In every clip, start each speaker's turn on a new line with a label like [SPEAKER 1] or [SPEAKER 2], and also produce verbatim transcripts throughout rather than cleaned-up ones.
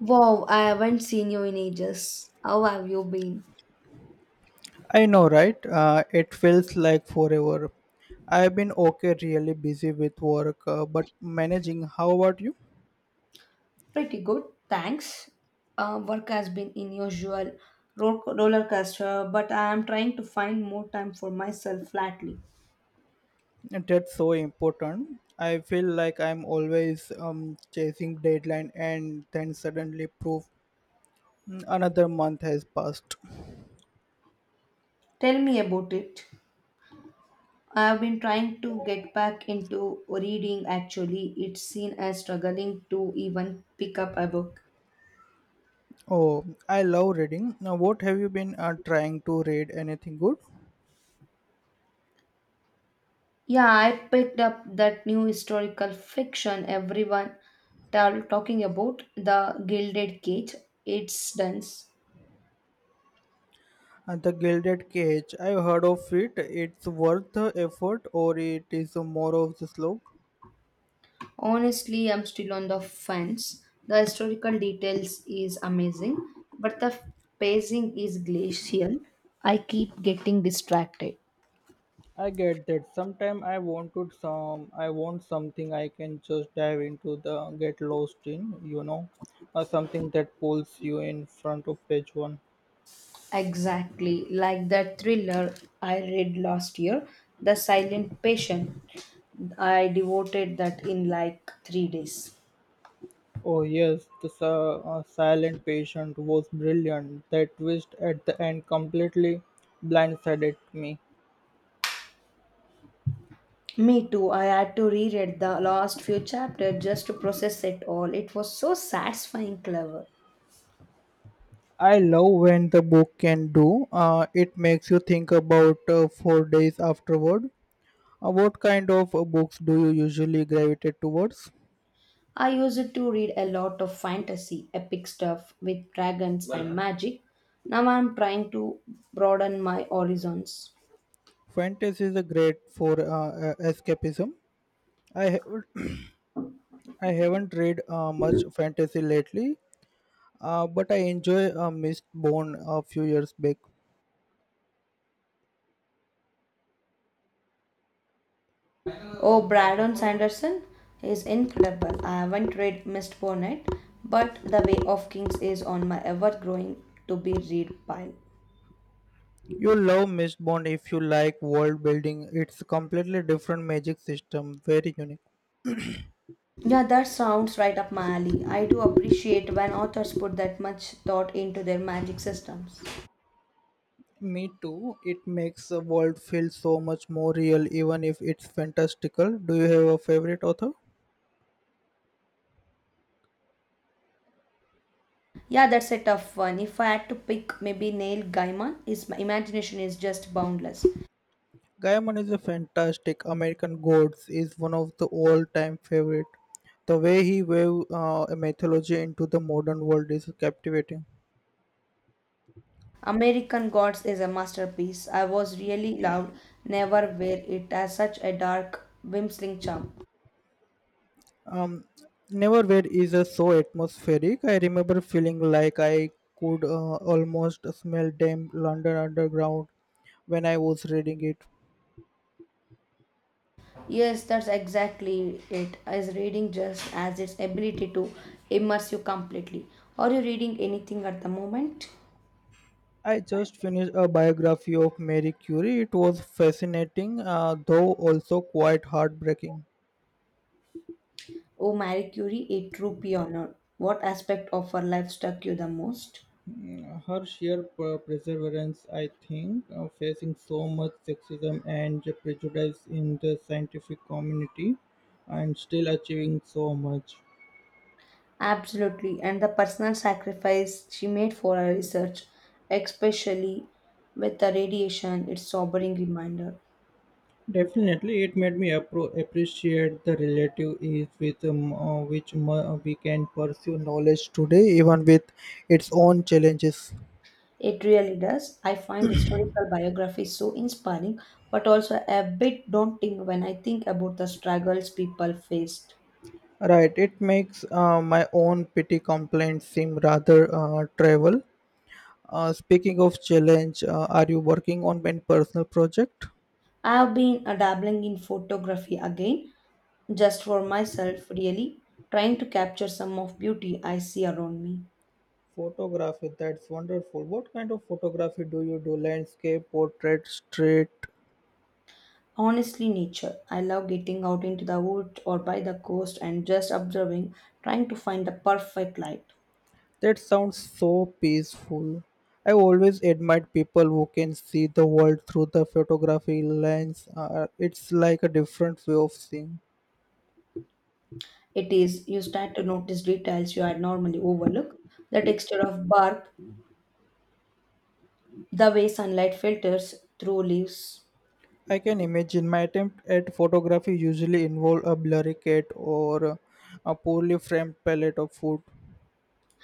[SPEAKER 1] Wow, I haven't seen you in ages. How have you been?
[SPEAKER 2] I know, right? Uh, it feels like forever. I've been okay, really busy with work, uh, but managing. How about you?
[SPEAKER 1] Pretty good, thanks. Uh, work has been in usual ro- roller coaster, but I am trying to find more time for myself flatly.
[SPEAKER 2] That's so important. I feel like I'm always um, chasing deadline, and then suddenly proof mm, another month has passed.
[SPEAKER 1] Tell me about it. I have been trying to get back into reading actually. It's seen as struggling to even pick up a book.
[SPEAKER 2] Oh, I love reading. Now, what have you been uh, trying to read? Anything good?
[SPEAKER 1] Yeah, I picked up that new historical fiction everyone tal- talking about, The Gilded Cage. It's dense.
[SPEAKER 2] Uh, the Gilded Cage. I've heard of it. It's worth the effort, or it is more of the slow.
[SPEAKER 1] Honestly, I'm still on the fence. The historical details is amazing, but the pacing is glacial. I keep getting distracted.
[SPEAKER 2] I get that. Sometimes I wanted some I want something I can just dive into the get lost in, you know, or something that pulls you in front of page one.
[SPEAKER 1] Exactly, like that thriller I read last year, The Silent Patient. I devoted that in like three days.
[SPEAKER 2] Oh yes, the si- uh, silent patient was brilliant. That twist at the end completely blindsided me.
[SPEAKER 1] Me too. I had to reread the last few chapters just to process it all. It was so satisfying, clever.
[SPEAKER 2] I love when the book can do. Uh, it makes you think about uh, four days afterward. Uh, what kind of uh, books do you usually gravitate towards?
[SPEAKER 1] I used to read a lot of fantasy, epic stuff with dragons and magic. Now I'm trying to broaden my horizons.
[SPEAKER 2] Fantasy is a great for uh, uh, escapism. I have I haven't read uh, much fantasy lately, uh, but I enjoy uh, Mistborn a few years back.
[SPEAKER 1] Oh, Brandon Sanderson is incredible. I haven't read Mistborn yet, but The Way of Kings is on my ever growing to be read pile.
[SPEAKER 2] You'll love Mistborn if you like world building. It's a completely different magic system, very unique.
[SPEAKER 1] Yeah, that sounds right up my alley. I do appreciate when authors put that much thought into their magic systems.
[SPEAKER 2] Me too. It makes the world feel so much more real, even if it's fantastical. Do you have a favorite author?
[SPEAKER 1] Yeah, that's a tough one. If I had to pick, maybe Neil Gaiman. His imagination is just boundless.
[SPEAKER 2] Gaiman is a fantastic. American Gods is one of the all-time favorite. The way he wove uh, a mythology into the modern world is captivating.
[SPEAKER 1] American Gods is a masterpiece. I was really loved. Never were it has such a dark, whimsing charm.
[SPEAKER 2] Um, Neverwhere is uh, so atmospheric. I remember feeling like I could uh, almost smell damn London underground when I was reading it.
[SPEAKER 1] Yes, that's exactly it. As reading just as its ability to immerse you completely. Are you reading anything at the moment?
[SPEAKER 2] I just finished a biography of Mary Curie. It was fascinating, uh, though also quite heartbreaking.
[SPEAKER 1] Oh, Marie Curie, a true pioneer. What aspect of her life struck you the most?
[SPEAKER 2] Her sheer per- perseverance, I think, uh, facing so much sexism and prejudice in the scientific community and still achieving so much.
[SPEAKER 1] Absolutely, and the personal sacrifice she made for her research, especially with the radiation, it's sobering reminder.
[SPEAKER 2] Definitely, it made me appro- appreciate the relative ease with um, uh, which mo- we can pursue knowledge today, even with its own challenges.
[SPEAKER 1] It really does. I find historical biographies so inspiring, but also a bit daunting when I think about the struggles people faced.
[SPEAKER 2] Right, it makes uh, my own petty complaints seem rather uh, trivial. Uh, speaking of challenge, uh, are you working on any personal project?
[SPEAKER 1] I have been uh, dabbling in photography again, just for myself, really, trying to capture some of beauty I see around me.
[SPEAKER 2] Photography, that's wonderful. What kind of photography do you do? Landscape, portrait, street?
[SPEAKER 1] Honestly, nature. I love getting out into the woods or by the coast and just observing, trying to find the perfect light.
[SPEAKER 2] That sounds so peaceful. I always admired people who can see the world through the photography lens. Uh, it's like a different way of seeing.
[SPEAKER 1] It is, you start to notice details you had normally overlook the texture of bark, the way sunlight filters through leaves.
[SPEAKER 2] I can imagine my attempt at photography usually involve a blurry cat or a poorly framed palette of food.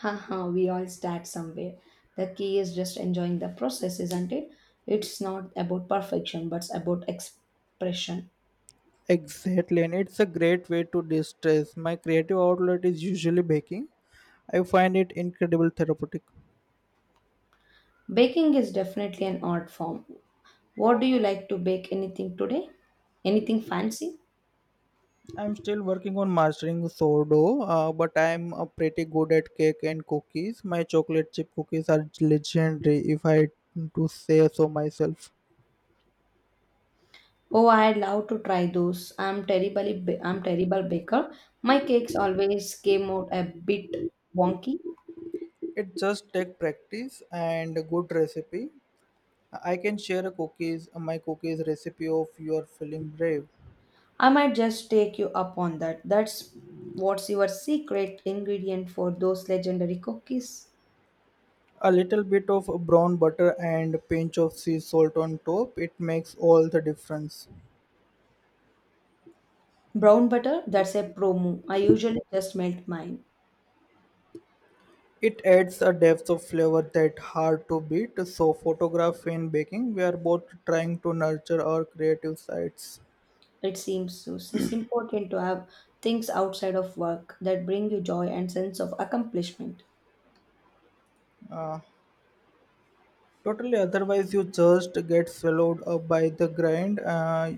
[SPEAKER 1] Haha, we all start somewhere. The key is just enjoying the process, isn't it? It's not about perfection, but it's about expression.
[SPEAKER 2] Exactly, and it's a great way to distress. My creative outlet is usually baking. I find it incredible therapeutic.
[SPEAKER 1] Baking is definitely an art form. What do you like to bake anything today? Anything fancy?
[SPEAKER 2] I'm still working on mastering sourdough, uh, but I'm uh, pretty good at cake and cookies. My chocolate chip cookies are legendary, if I to say so myself.
[SPEAKER 1] Oh, I'd love to try those. I'm terribly ba- I'm terrible baker. My cakes always came out a bit wonky.
[SPEAKER 2] It just take practice and a good recipe. I can share a cookies, my cookies recipe of you are feeling brave.
[SPEAKER 1] I might just take you up on that. That's what's your secret ingredient for those legendary cookies?
[SPEAKER 2] A little bit of brown butter and a pinch of sea salt on top, it makes all the difference.
[SPEAKER 1] Brown butter, that's a pro move. I usually just melt mine.
[SPEAKER 2] It adds a depth of flavor that hard to beat. So photograph and baking, we are both trying to nurture our creative sides.
[SPEAKER 1] It seems so. It's important to have things outside of work that bring you joy and sense of accomplishment.
[SPEAKER 2] Totally, otherwise you just get swallowed up by the grind. uh,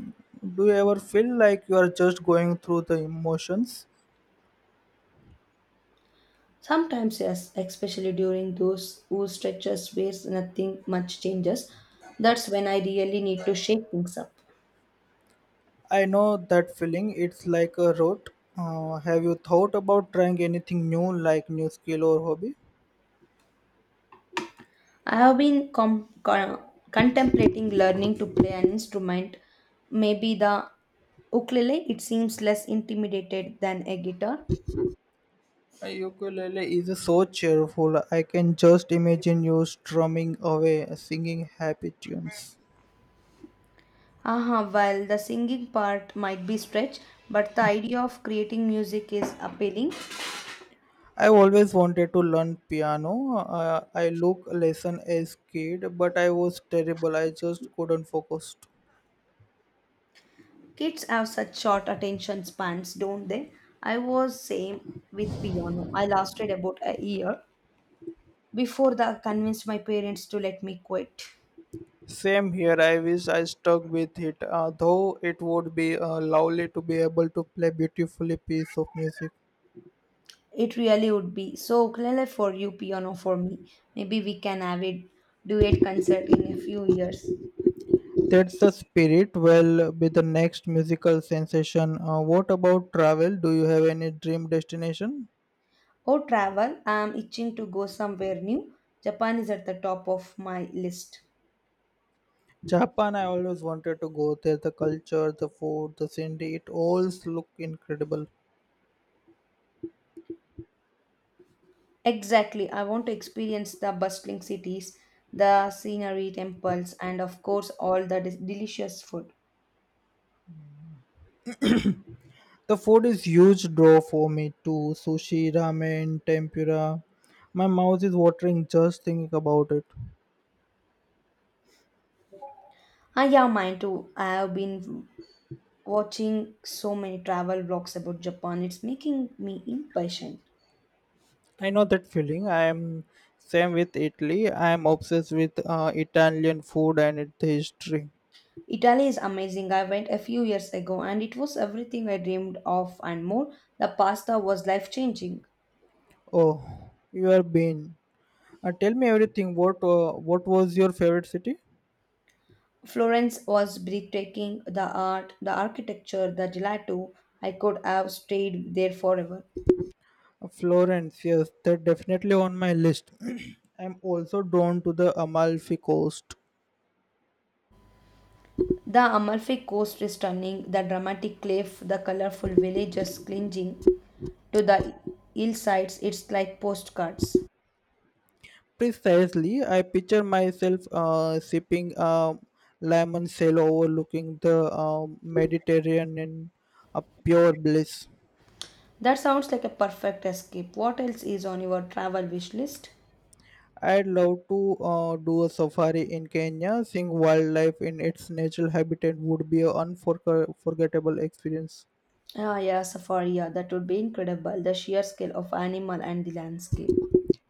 [SPEAKER 2] do you ever feel like you are just going through the emotions?
[SPEAKER 1] Sometimes, yes, especially during those who stretches where nothing much changes. That's when I really need to shake things up.
[SPEAKER 2] I know that feeling. It's like a rut. uh, have you thought about trying anything new, like new skill or hobby?
[SPEAKER 1] I have been com- con- contemplating learning to play an instrument, maybe the ukulele. It seems less intimidated than a guitar.
[SPEAKER 2] A ukulele is so cheerful. I can just imagine you strumming away, singing happy tunes.
[SPEAKER 1] Aha, well, the singing part might be stretched, but the idea of creating music is appealing.
[SPEAKER 2] I always wanted to learn piano. Uh, I look lesson as kid, but I was terrible. I just couldn't focus.
[SPEAKER 1] Kids have such short attention spans, don't they? I was same with piano. I lasted about a year before that I convinced my parents to let me quit.
[SPEAKER 2] Same here. I wish I stuck with it, uh, though it would be uh, lovely to be able to play beautifully piece of music.
[SPEAKER 1] It really would be so ukulele for you, piano for me. Maybe we can have a duet concert in a few years.
[SPEAKER 2] That's the spirit. Well, be the next musical sensation. Uh, what about travel? Do you have any dream destination?
[SPEAKER 1] Or travel. I am itching to go somewhere new. Japan is at the top of my list.
[SPEAKER 2] Japan, I always wanted to go there. The culture, the food, the scenery, it all look incredible.
[SPEAKER 1] Exactly. I want to experience the bustling cities, the scenery, temples, and of course, all the dis- delicious food.
[SPEAKER 2] The food is huge draw for me too. Sushi, ramen, tempura. My mouth is watering just thinking about it.
[SPEAKER 1] I have mine too. I have been watching so many travel vlogs about Japan. It's making me impatient.
[SPEAKER 2] I know that feeling. I am same with Italy. I am obsessed with uh, Italian food and its history.
[SPEAKER 1] Italy is amazing. I went a few years ago and it was everything I dreamed of and more. The pasta was life changing.
[SPEAKER 2] Oh, you have been. Uh, tell me everything. What uh, what was your favorite city?
[SPEAKER 1] Florence was breathtaking. The art, the architecture, the gelato. I could have stayed there forever.
[SPEAKER 2] Florence, yes, they're definitely on my list. I'm also drawn to the Amalfi Coast.
[SPEAKER 1] The Amalfi Coast is stunning, the dramatic cliff, the colorful villages clinging to the hillsides. It's like postcards.
[SPEAKER 2] Precisely, I picture myself uh, sipping a lemon cello overlooking the um Mediterranean in a pure bliss.
[SPEAKER 1] That sounds like a perfect escape. What else is on your travel wish list?
[SPEAKER 2] I'd love to uh, do a safari in Kenya. Seeing wildlife in its natural habitat would be an unforgettable experience.
[SPEAKER 1] Ah, yeah, safari. Yeah, that would be incredible. The sheer scale of animal and the landscape.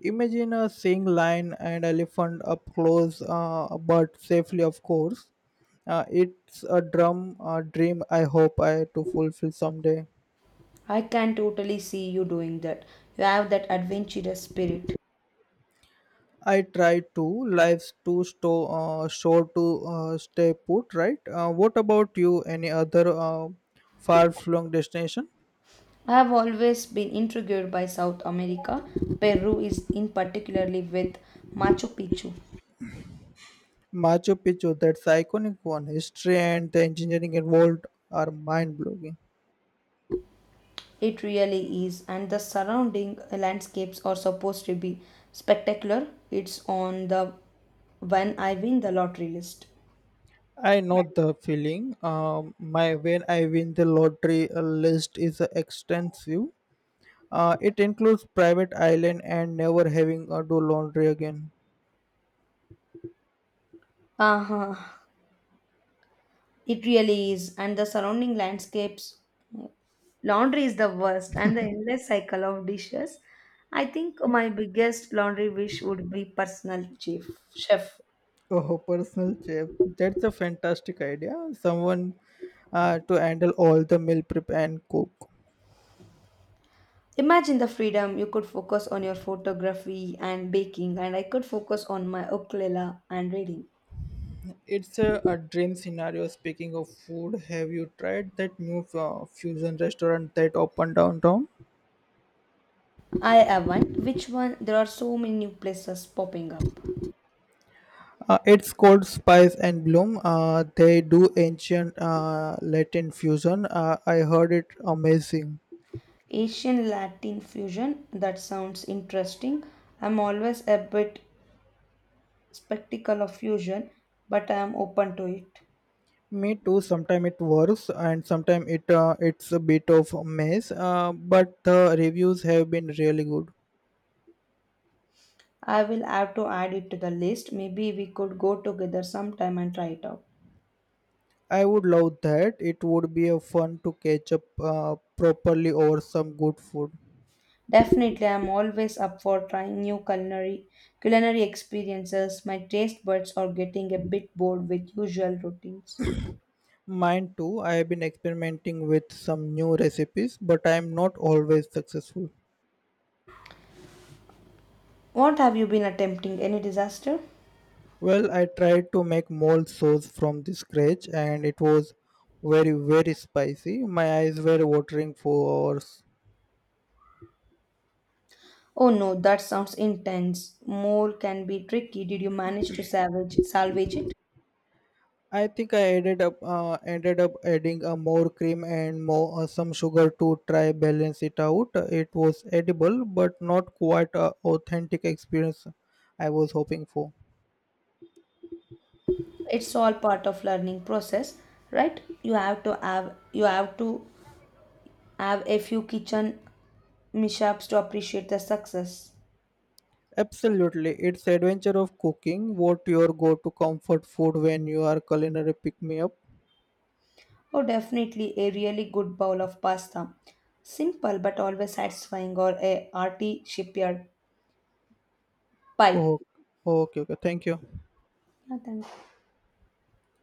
[SPEAKER 2] Imagine uh, seeing lion and elephant up close, uh, but safely, of course. Uh, it's a drum uh, dream. I hope I to fulfill someday.
[SPEAKER 1] I can totally see you doing that. You have that adventurous spirit.
[SPEAKER 2] I try to. Life's too sto- uh, short to uh, stay put, right? Uh, what about you? Any other uh, far-flung destination?
[SPEAKER 1] I have always been intrigued by South America. Peru is in particularly with Machu Picchu.
[SPEAKER 2] Machu Picchu, that's the iconic one. History and the engineering involved are mind-blowing.
[SPEAKER 1] It really is, and the surrounding landscapes are supposed to be spectacular. It's on the when I win the lottery list.
[SPEAKER 2] I know the feeling. Um, my when I win the lottery uh, list is uh, extensive. Uh, it includes private island and never having uh, do laundry again.
[SPEAKER 1] Uh-huh. It really is, and the surrounding landscapes. Laundry is the worst, and the endless cycle of dishes. I think my biggest laundry wish would be personal chef. Chef.
[SPEAKER 2] Oh, personal chef. That's a fantastic idea. Someone uh, to handle all the meal prep and cook.
[SPEAKER 1] Imagine the freedom you could focus on your photography and baking, and I could focus on my ukulele and reading.
[SPEAKER 2] It's a, a dream scenario. Speaking of food, have you tried that new uh, fusion restaurant that opened downtown?
[SPEAKER 1] I haven't. Which one? There are so many new places popping up.
[SPEAKER 2] Uh, it's called Spice and Bloom. Uh, they do ancient uh, Latin fusion. Uh, I heard it amazing.
[SPEAKER 1] Asian Latin fusion. That sounds interesting. I'm always a bit skeptical of fusion, but I am open to it.
[SPEAKER 2] Me too. Sometimes it works, and sometimes it uh, it's a bit of a mess. Uh, but the reviews have been really good.
[SPEAKER 1] I will have to add it to the list. Maybe we could go together sometime and try it out.
[SPEAKER 2] I would love that. It would be a fun to catch up uh, properly over some good food.
[SPEAKER 1] Definitely, I'm always up for trying new culinary culinary experiences. My taste buds are getting a bit bored with usual routines.
[SPEAKER 2] Mine too. I have been experimenting with some new recipes, but I am not always successful.
[SPEAKER 1] What have you been attempting? Any disaster?
[SPEAKER 2] Well, I tried to make mole sauce from the scratch and it was very, very spicy. My eyes were watering for hours.
[SPEAKER 1] Oh no, that sounds intense. More can be tricky. Did you manage to salvage salvage it?
[SPEAKER 2] I think I ended up uh, ended up adding uh, more cream and more uh, some sugar to try balance it out. It was edible, but not quite a authentic experience I was hoping for.
[SPEAKER 1] It's all part of learning process, right? You have to have you have to have a few kitchen mishaps to appreciate the success.
[SPEAKER 2] Absolutely, it's adventure of cooking. What your go-to comfort food when you are culinary pick me up?
[SPEAKER 1] Oh, definitely a really good bowl of pasta. Simple but always satisfying or a hearty shipyard pie.
[SPEAKER 2] Oh, okay, okay. Thank you.
[SPEAKER 1] Yeah, thank you.